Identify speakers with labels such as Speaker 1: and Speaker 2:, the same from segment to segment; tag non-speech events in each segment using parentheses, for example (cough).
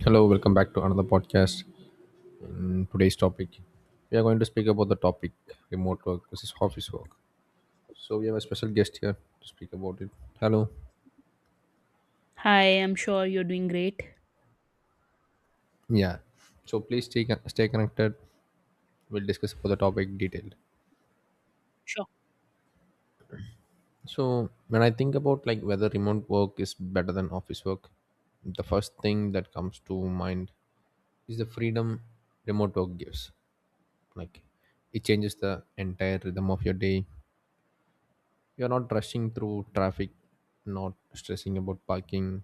Speaker 1: Hello, welcome back to another podcast. In today's topic, we are going to speak about the topic remote work versus office work. So we have a special guest here to speak about it. Hello.
Speaker 2: Hi, I'm sure you're doing great.
Speaker 1: Yeah. So please stay connected. We'll discuss about the topic detailed.
Speaker 2: Sure.
Speaker 1: So when I think about like whether remote work is better than
Speaker 2: (clears throat)
Speaker 1: office work, the first thing that comes to mind is the freedom remote work gives. Like it changes the entire rhythm of your day. You're not rushing through traffic, not stressing about parking,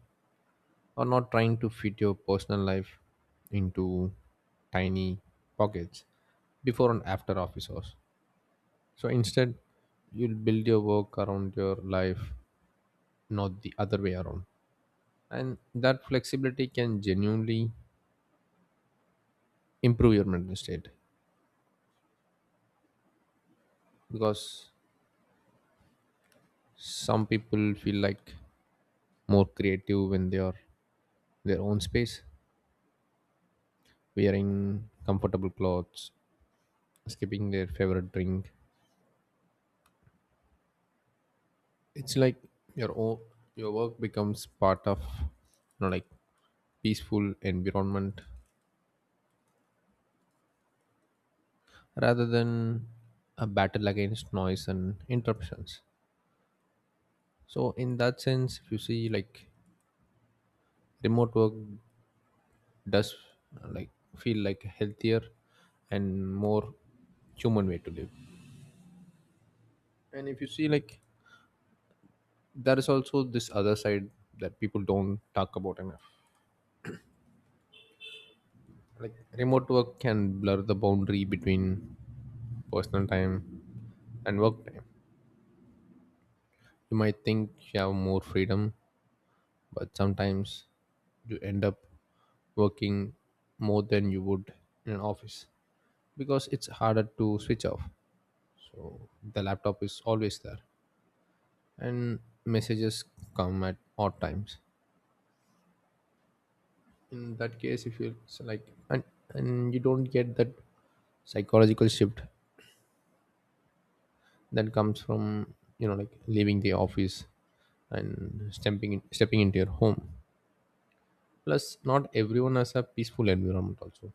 Speaker 1: or not trying to fit your personal life into tiny pockets before and after office hours. So instead, you'll build your work around your life, not the other way around. And that flexibility can genuinely improve your mental state, because some people feel like more creative when they are in their own space, wearing comfortable clothes, skipping their favorite drink. It's like your own, your work becomes part of you know like peaceful environment rather than a battle against noise and interruptions. So in that sense, if you see like remote work does like feel like a healthier and more human way to live. And if you see like there is also this other side that people don't talk about enough. Like remote work can blur the boundary between personal time and work time. You might think you have more freedom, but sometimes you end up working more than you would in an office because it's harder to switch off. So the laptop is always there, and messages come at odd times. In that case, if you it's like and you don't get that psychological shift that comes from you know like leaving the office and stepping into your home. Plus, not everyone has a peaceful environment also.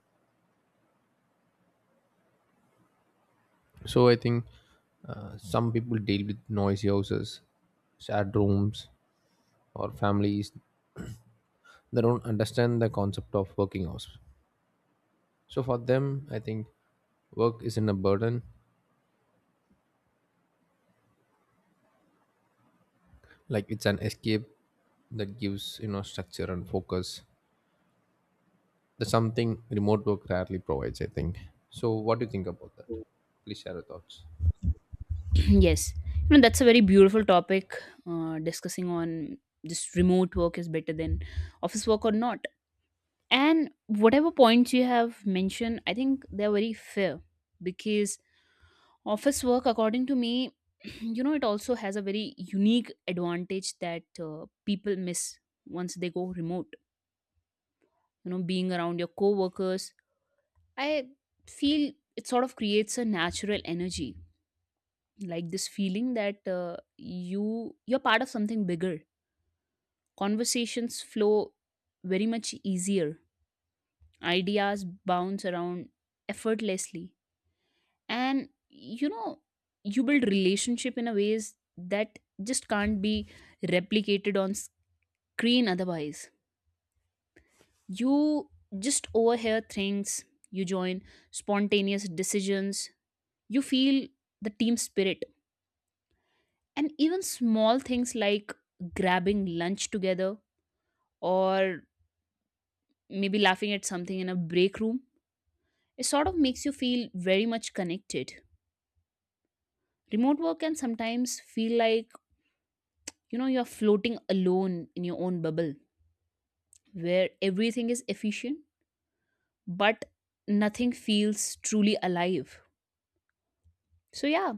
Speaker 1: So I think some people deal with noisy houses, sad rooms, or families that don't understand the concept of working hours. So for them, I think work isn't a burden, like it's an escape that gives you know structure and focus. That's something remote work rarely provides, I think. So what do you think about that? Please share your thoughts.
Speaker 2: Yes. You know, that's a very beautiful topic discussing on this remote work is better than office work or not. And whatever points you have mentioned, I think they're very fair because office work, according to me, (clears throat) you know, it also has a very unique advantage that people miss once they go remote. You know, being around your coworkers, I feel it sort of creates a natural energy, like this feeling that you're part of something bigger. Conversations flow very much easier. Ideas bounce around effortlessly, and you know, you build relationship in a ways that just can't be replicated on screen otherwise. You just overhear things. You join spontaneous decisions. You feel the team spirit. And even small things like grabbing lunch together or maybe laughing at something in a break room, it sort of makes you feel very much connected. Remote work can sometimes feel like, you know, you're floating alone in your own bubble where everything is efficient, but nothing feels truly alive. So, yeah,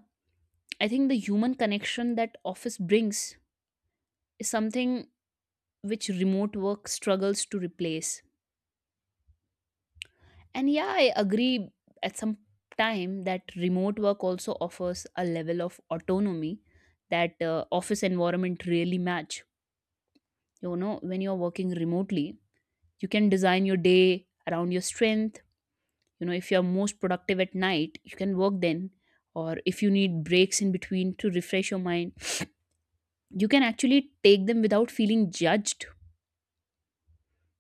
Speaker 2: I think the human connection that office brings is something which remote work struggles to replace. And yeah, I agree at some time that remote work also offers a level of autonomy that office environment really match. You know, when you're working remotely, you can design your day around your strength. You know, if you're most productive at night, you can work then. Or if you need breaks in between to refresh your mind, you can actually take them without feeling judged.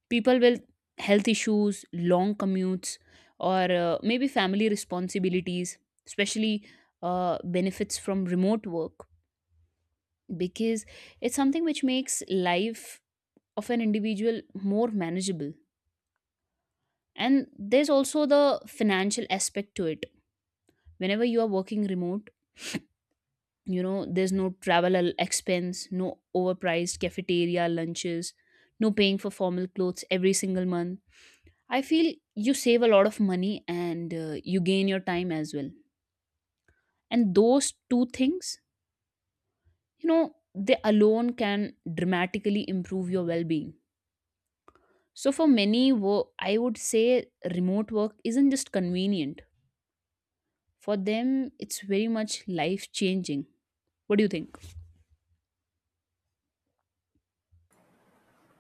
Speaker 2: People with health issues, long commutes, or maybe family responsibilities, especially benefits from remote work, because it's something which makes life of an individual more manageable. And there's also the financial aspect to it. Whenever you are working remote, you know, there's expense, no overpriced cafeteria lunches, no paying for formal clothes every single month. I feel you save a lot of money, and you gain your time as well. And those two things, you know, they alone can dramatically improve your well being. So, for many, I would say remote work isn't just convenient, for them, it's very much life changing. What do you think?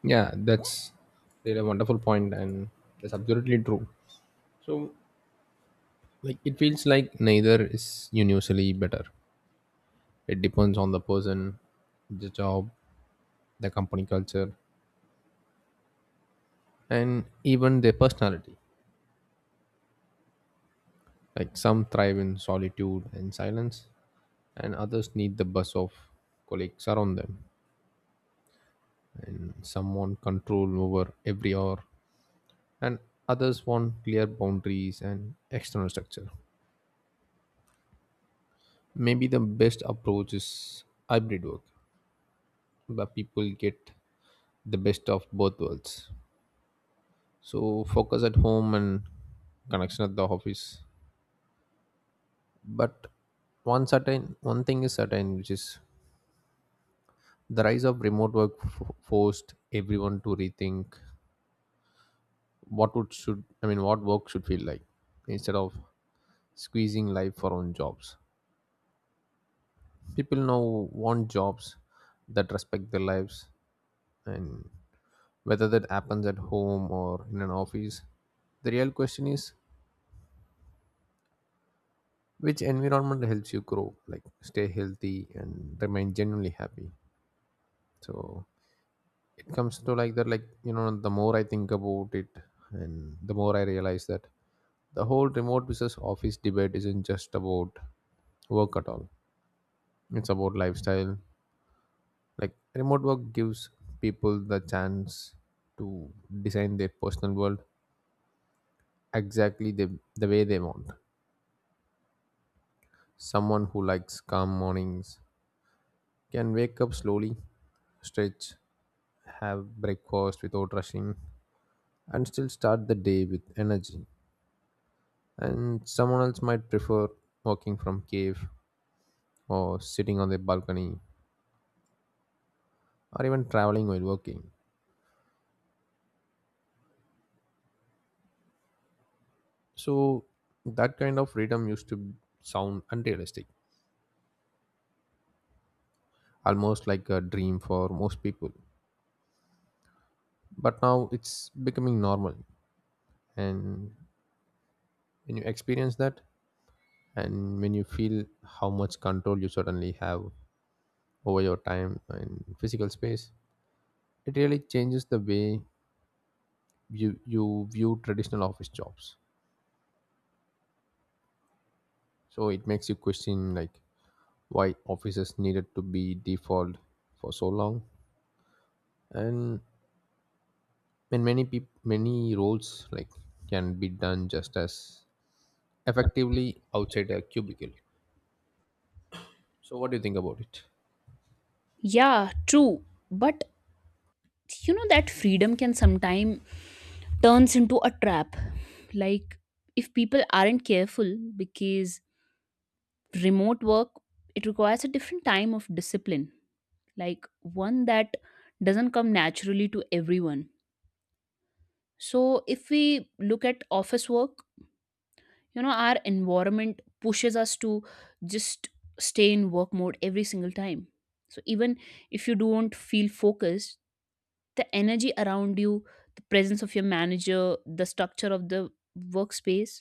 Speaker 1: Yeah, that's really a wonderful point, and that's absolutely true. So like it feels like neither is universally better. It depends on the person, the job, the company culture, and even their personality. Like some thrive in solitude and silence, and others need the buzz of colleagues around them. And some want control over every hour, and others want clear boundaries and external structure. Maybe the best approach is hybrid work, where people get the best of both worlds. So focus at home and connection at the office. But one thing is certain, which is the rise of remote work forced everyone to rethink what would should I mean what work should feel like. Instead of squeezing life for own jobs, people now want jobs that respect their lives. And whether that happens at home or in an office, the real question is which environment helps you grow, like stay healthy and remain genuinely happy. So it comes to like that, like you know the more I think about it, and the more I realize that the whole remote business office debate isn't just about work at all. It's about lifestyle. Like remote work gives people the chance to design their personal world exactly the way they want. Someone who likes calm mornings can wake up slowly, stretch, have breakfast without rushing, and still start the day with energy. And someone else might prefer working from cave, or sitting on their balcony, or even traveling while working. So that kind of freedom used to sound unrealistic, almost like a dream for most people. But now it's becoming normal. And when you experience that, and when you feel how much control you suddenly have over your time and physical space, it really changes the way you view traditional office jobs. So it makes you question like why offices needed to be default for so long. And many peop many roles like can be done just as effectively outside a cubicle. So what do you think about it?
Speaker 2: Yeah, true. But you know that freedom can sometimes turns into a trap. Like if people aren't careful, because remote work, it requires a different time of discipline, like one that doesn't come naturally to everyone. So if we look at office work, you know, our environment pushes us to just stay in work mode every single time. So even if you don't feel focused, the energy around you, the presence of your manager, the structure of the workspace,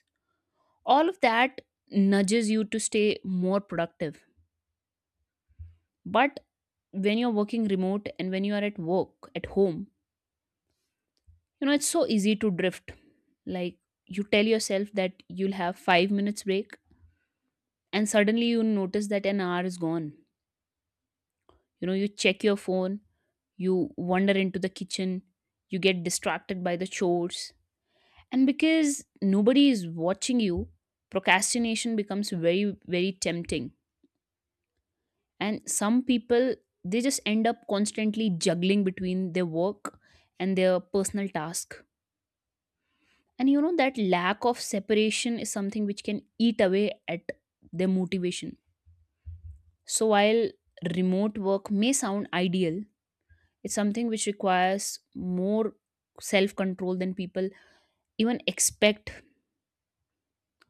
Speaker 2: all of that nudges you to stay more productive. But when you're working remote and when you are at work at home, you know, it's so easy to drift. Like you tell yourself that you'll have 5 minutes break and suddenly you notice that an hour is gone. You know, you check your phone, you wander into the kitchen, you get distracted by the chores, and because nobody is watching you, procrastination becomes very tempting. And some people, they just end up constantly juggling between their work and their personal task. And you know that lack of separation is something which can eat away at their motivation. So while remote work may sound ideal, it's something which requires more self control than people even expect.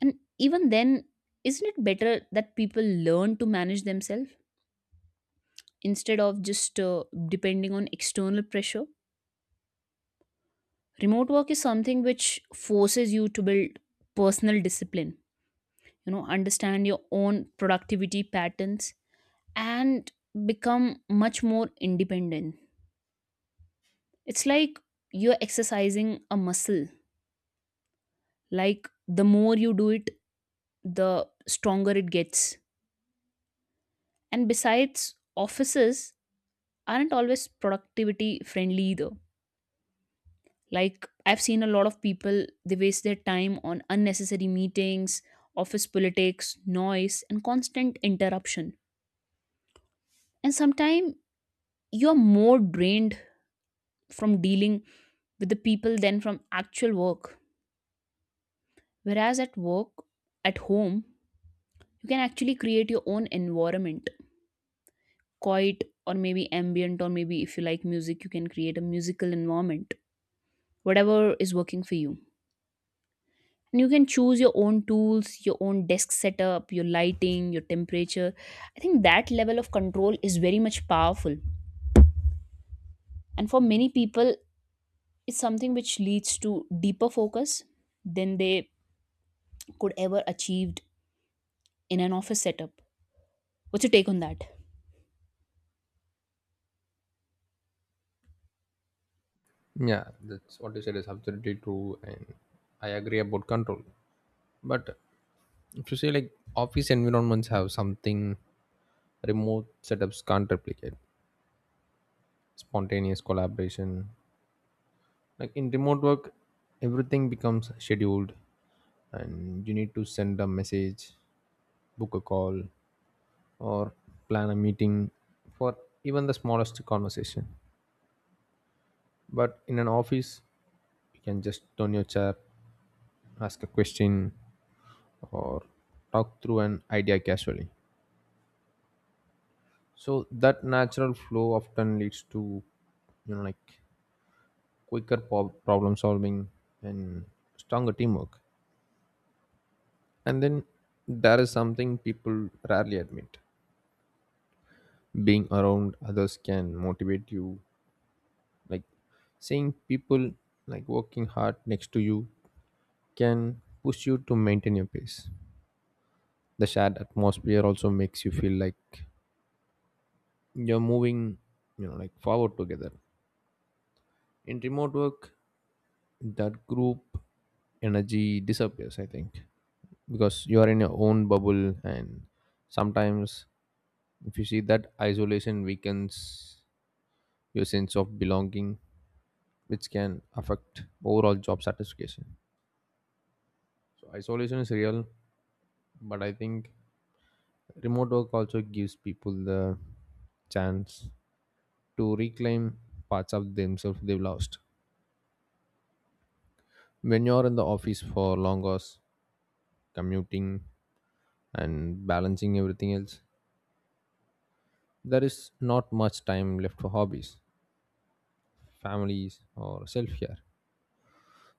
Speaker 2: And even then, isn't it better that people learn to manage themselves instead of just depending on external pressure? Remote work is something which forces you to build personal discipline, you know, understand your own productivity patterns, and become much more independent. It's like you're exercising a muscle. Like the more you do it, the stronger it gets. And besides, offices aren't always productivity friendly either. Like I've seen a lot of people, they waste their time on unnecessary meetings, office politics, noise, and constant interruption. And sometimes you're more drained from dealing with the people than from actual work. Whereas at work, at home, you can actually create your own environment, quiet or maybe ambient, or maybe if you like music, you can create a musical environment, whatever is working for you. And you can choose your own tools, your own desk setup, your lighting, your temperature. I think that level of control is very much powerful. And for many people, it's something which leads to deeper focus than they could ever achieved in an office setup. What's your take on that?
Speaker 1: Yeah, that's what you said is absolutely true. And I agree about control. But if you say like office environments have something remote setups can't replicate: spontaneous collaboration. Like in remote work, everything becomes scheduled, and you need to send a message, book a call, or plan a meeting for even the smallest conversation. But in an office, you can just turn your chair, ask a question, or talk through an idea casually. So that natural flow often leads to you know like quicker problem solving and stronger teamwork. And then there is something people rarely admit. Being around others can motivate you. Like seeing people like working hard next to you can push you to maintain your pace. The shared atmosphere also makes you feel like you're moving, you know, like forward together. In remote work, that group energy disappears, I think, because you are in your own bubble. And sometimes if you see that isolation weakens your sense of belonging, which can affect overall job satisfaction. So isolation is real, but I think remote work also gives people the chance to reclaim parts of themselves they've lost. When you're in the office for long hours, commuting and balancing everything else, there is not much time left for hobbies, families, or self care.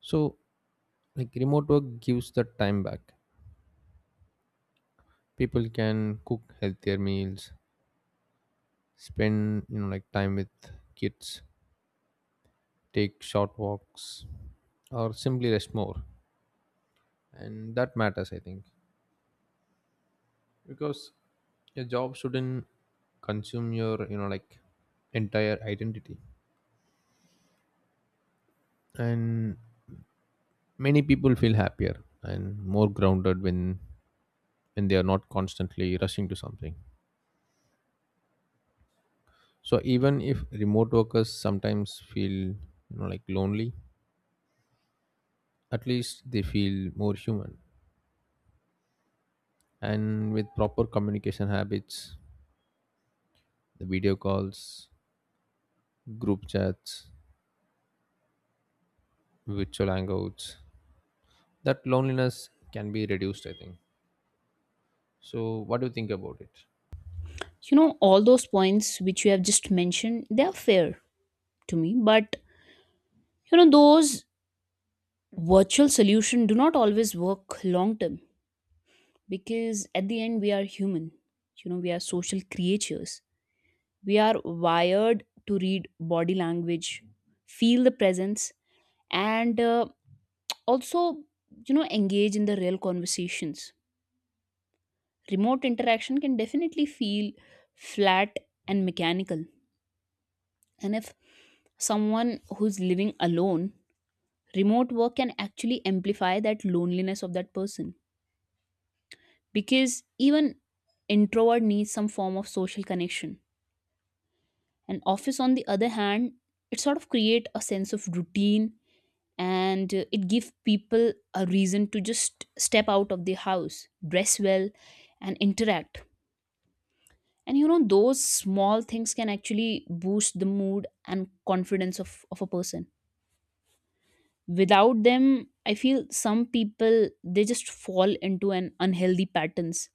Speaker 1: So, like remote work gives that time back. People can cook healthier meals, spend you know like time with kids, take short walks, or simply rest more. And that matters, I think, because your job shouldn't consume your you know like entire identity. And many people feel happier and more grounded when they are not constantly rushing to something. So even if remote workers sometimes feel you know like lonely, at least they feel more human. And with proper communication habits, the video calls, group chats, virtual hangouts. That loneliness can be reduced, I think. So, what do you think about it?
Speaker 2: You know, all those points which you have just mentioned, they are fair to me. But you know, those virtual solution do not always work long term, because at the end we are human. You know, we are social creatures, we are wired to read body language, feel the presence, and also, you know, engage in the real conversations. Remote interaction can definitely feel flat and mechanical. And if someone who's living alone, remote work can actually amplify that loneliness of that person, because even introvert needs some form of social connection. And office on the other hand, it sort of create a sense of routine, and it gives people a reason to just step out of the house, dress well, and interact. And you know, those small things can actually boost the mood and confidence of a person. Without them, I feel some people they just fall into an unhealthy patterns,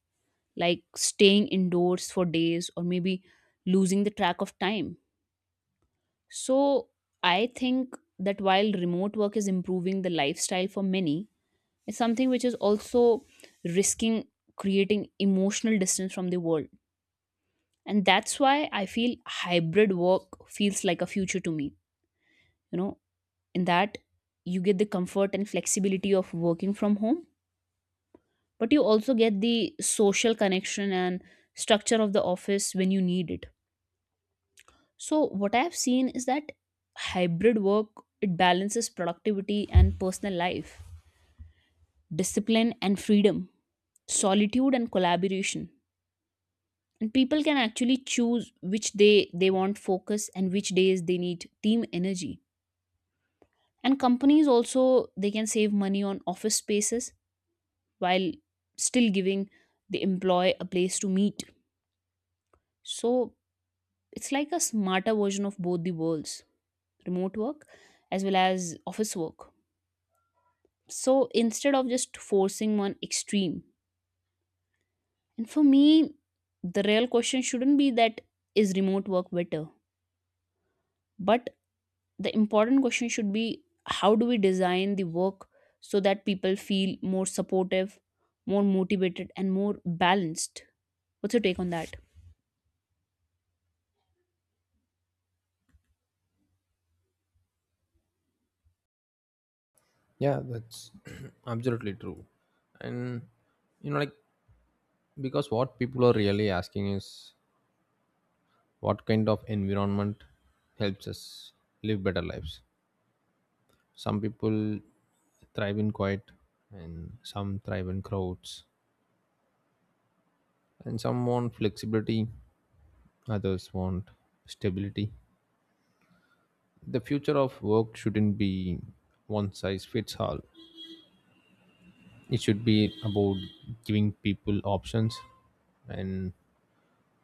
Speaker 2: like staying indoors for days or maybe losing the track of time. So I think that while remote work is improving the lifestyle for many, it's something which is also risking creating emotional distance from the world. And that's why I feel hybrid work feels like a future to me. You know, in that you get the comfort and flexibility of working from home, but you also get the social connection and structure of the office when you need it. So what I've seen is that hybrid work, it balances productivity and personal life, discipline and freedom, solitude and collaboration. And people can actually choose which day they want focus and which days they need team energy. And companies also, they can save money on office spaces, while still giving the employee a place to meet. So it's like a smarter version of both the worlds, remote work as well as office work. So instead of just forcing one extreme, and for me, the real question shouldn't be that is remote work better, but the important question should be, how do we design the work so that people feel more supportive, more motivated, and more balanced? What's your take on that?
Speaker 1: Yeah, that's (clears throat) absolutely true. And you know, like because what people are really asking is what kind of environment helps us live better lives. Some people thrive in quiet, and some thrive in crowds, and some want flexibility, others want stability. The future of work shouldn't be one size fits all. It should be about giving people options and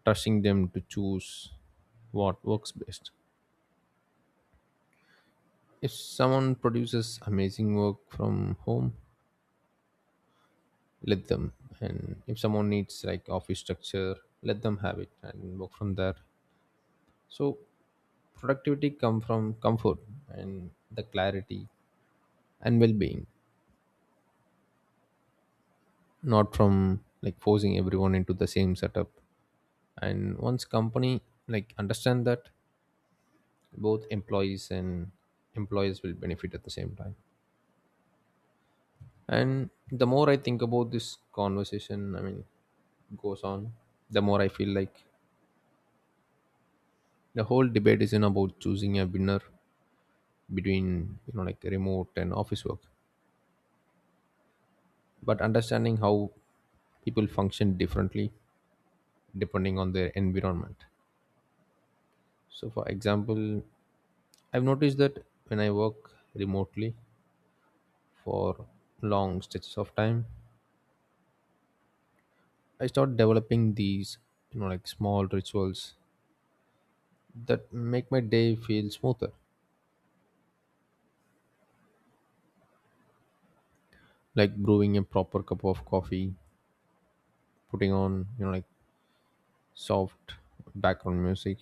Speaker 1: trusting them to choose what works best. If someone produces amazing work from home, let them. And if someone needs like office structure, let them have it and work from there. So productivity come from comfort and the clarity and well-being, not from like forcing everyone into the same setup. And once company like understand that, both employees and employers will benefit at the same time. And the more I think about this conversation, I mean goes on, the more I feel like the whole debate isn't about choosing a winner between you know like remote and office work, but understanding how people function differently depending on their environment. So for example, I've noticed that when I work remotely for long stretches of time, I start developing these you know like small rituals that make my day feel smoother, like brewing a proper cup of coffee, putting on you know like soft background music,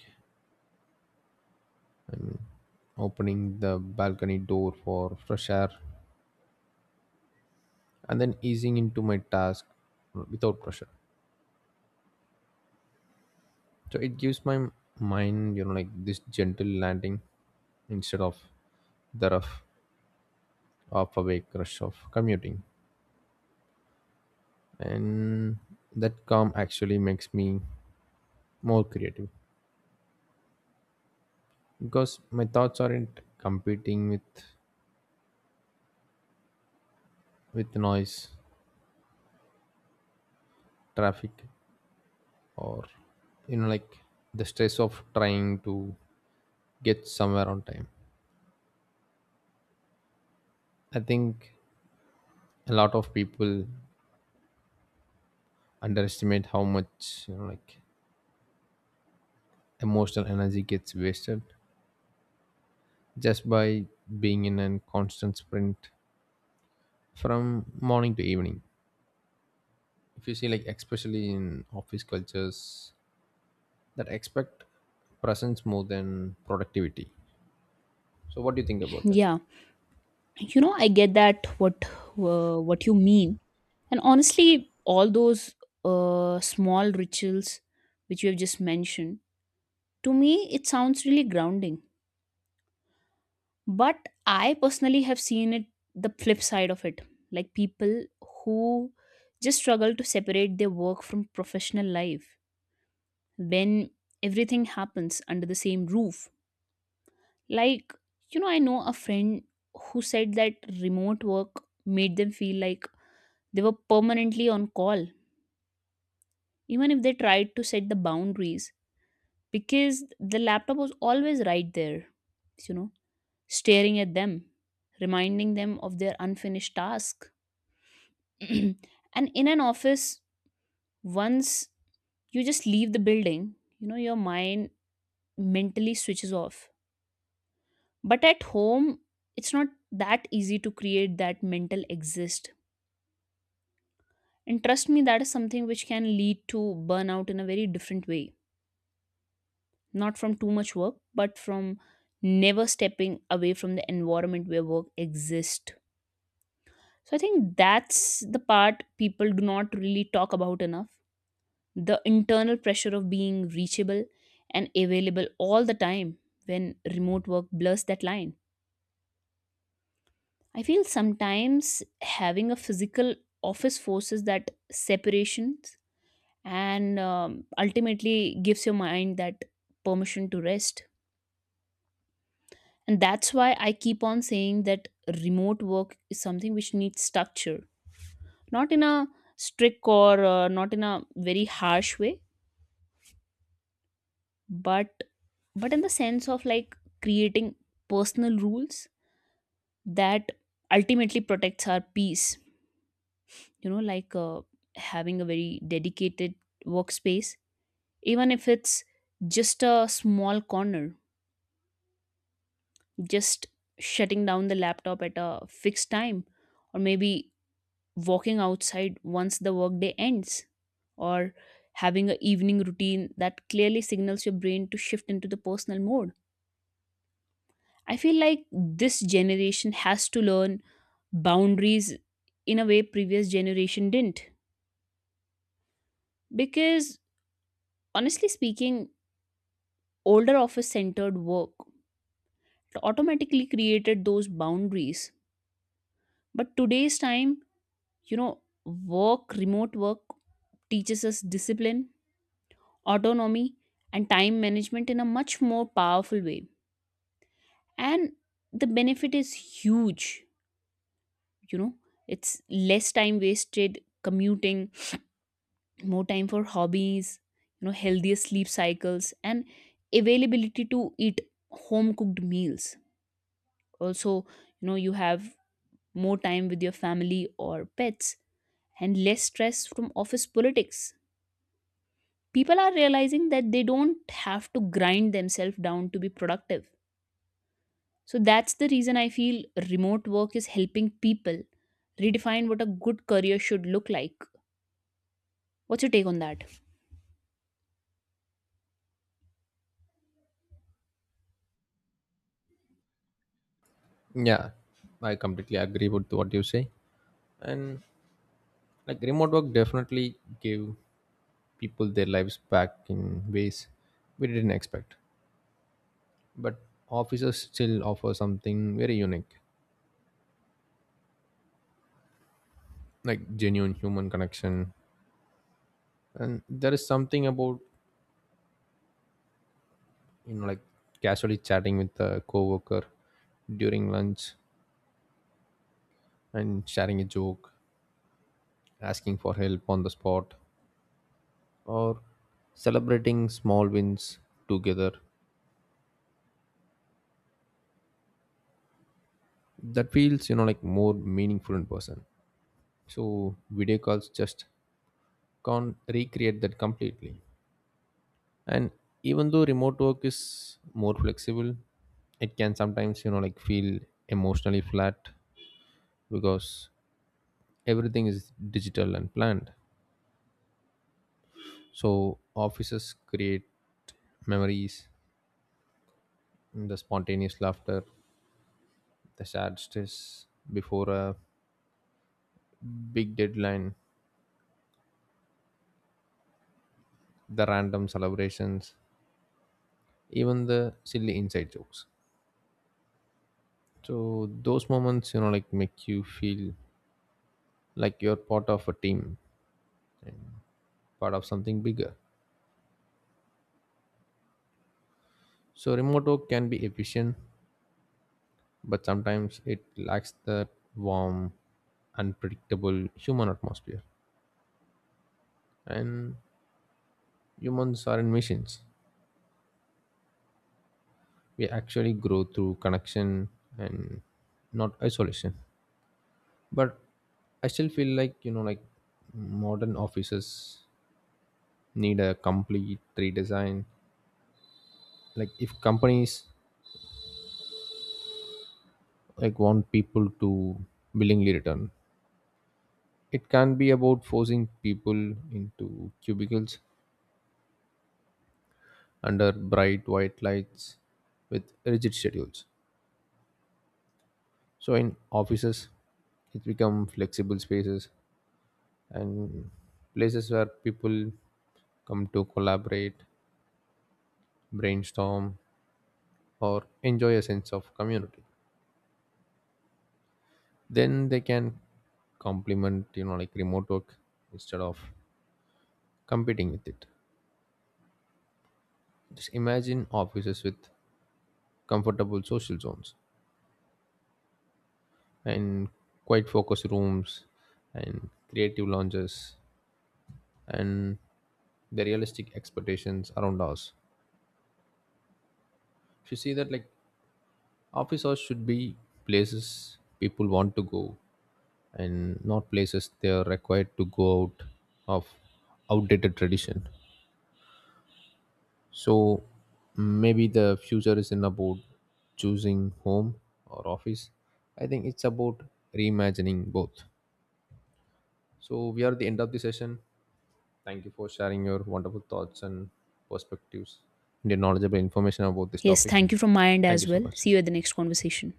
Speaker 1: opening the balcony door for fresh air, and then easing into my task without pressure. So it gives my mind you know like this gentle landing instead of the rough half awake rush of commuting. And that calm actually makes me more creative, because my thoughts aren't competing with noise, traffic, or you know like the stress of trying to get somewhere on time. I think a lot of people underestimate how much you know like emotional energy gets wasted just by being in a constant sprint from morning to evening, if you see like especially in office cultures that expect presence more than productivity. So what do you think about that?
Speaker 2: Yeah. You know, I get that what you mean. And honestly, all those small rituals which you have just mentioned, to me it sounds really grounding. But I personally have seen it, the flip side of it, like people who just struggle to separate their work from professional life when everything happens under the same roof. Like, you know, I know a friend who said that remote work made them feel like they were permanently on call, even if they tried to set the boundaries, because the laptop was always right there, you know, staring at them, reminding them of their unfinished task. (clears throat) And in an office, once you just leave the building, you know, your mind mentally switches off. But at home, it's not that easy to create that mental exist. And trust me, that is something which can lead to burnout in a very different way. Not from too much work, but from never stepping away from the environment where work exists. So I think that's the part people do not really talk about enough, the internal pressure of being reachable and available all the time when remote work blurs that line. I feel sometimes having a physical office forces that separation, and ultimately gives your mind that permission to rest. And that's why I keep on saying that remote work is something which needs structure, not in a strict or not in a very harsh way, but but in the sense of like creating personal rules that ultimately protects our peace. You know, like having a very dedicated workspace, even if it's just a small corner, just shutting down the laptop at a fixed time, or maybe walking outside once the workday ends, or having an evening routine that clearly signals your brain to shift into the personal mode. I feel like this generation has to learn boundaries in a way previous generation didn't, because honestly speaking, older office centered work automatically created those boundaries. But today's time, you know, work remote work teaches us discipline, autonomy, and time management in a much more powerful way. And the benefit is huge, you know, it's less time wasted commuting, more time for hobbies, you know, healthier sleep cycles, and availability to eat home cooked meals. Also, you know, you have more time with your family or pets and less stress from office politics. People are realizing that they don't have to grind themselves down to be productive. So that's the reason I feel remote work is helping people redefine what a good career should look like. What's your take on that?
Speaker 1: Yeah, I completely agree with what you say. And like remote work definitely gave people their lives back in ways we didn't expect. But offices still offer something very unique, like genuine human connection. And there is something about you know like casually chatting with a coworker during lunch and sharing a joke, asking for help on the spot, or celebrating small wins together, that feels you know like more meaningful in person. So video calls just can't recreate that completely. And even though remote work is more flexible, it can sometimes you know like feel emotionally flat, because everything is digital and planned. So offices create memories, the spontaneous laughter, the sad stress before a big deadline, the random celebrations, even the silly inside jokes. So those moments, you know, like make you feel like you're part of a team, part of something bigger. So remote work can be efficient, but sometimes it lacks that warm, unpredictable human atmosphere. And humans aren't machines. We actually grow through connection and not isolation. But I still feel like, you know, like modern offices need a complete redesign. Like if companies like want people to willingly return, it can be about forcing people into cubicles under bright white lights with rigid schedules. So in offices it become flexible spaces and places where people come to collaborate, brainstorm, or enjoy a sense of community. Then they can complement you know like remote work instead of competing with it. Just imagine offices with comfortable social zones and quiet focus rooms and creative lounges and the realistic expectations around us. If you see that like office hours should be places people want to go and not places they are required to go out of outdated tradition. So maybe the future isn't about choosing home or office. I think it's about reimagining both. So we are at the end of the session. Thank you for sharing your wonderful thoughts and perspectives and your knowledgeable information about this
Speaker 2: Yes,
Speaker 1: topic.
Speaker 2: thank you from my end
Speaker 1: Thank you
Speaker 2: as
Speaker 1: so
Speaker 2: well.
Speaker 1: much.
Speaker 2: See you at the next conversation.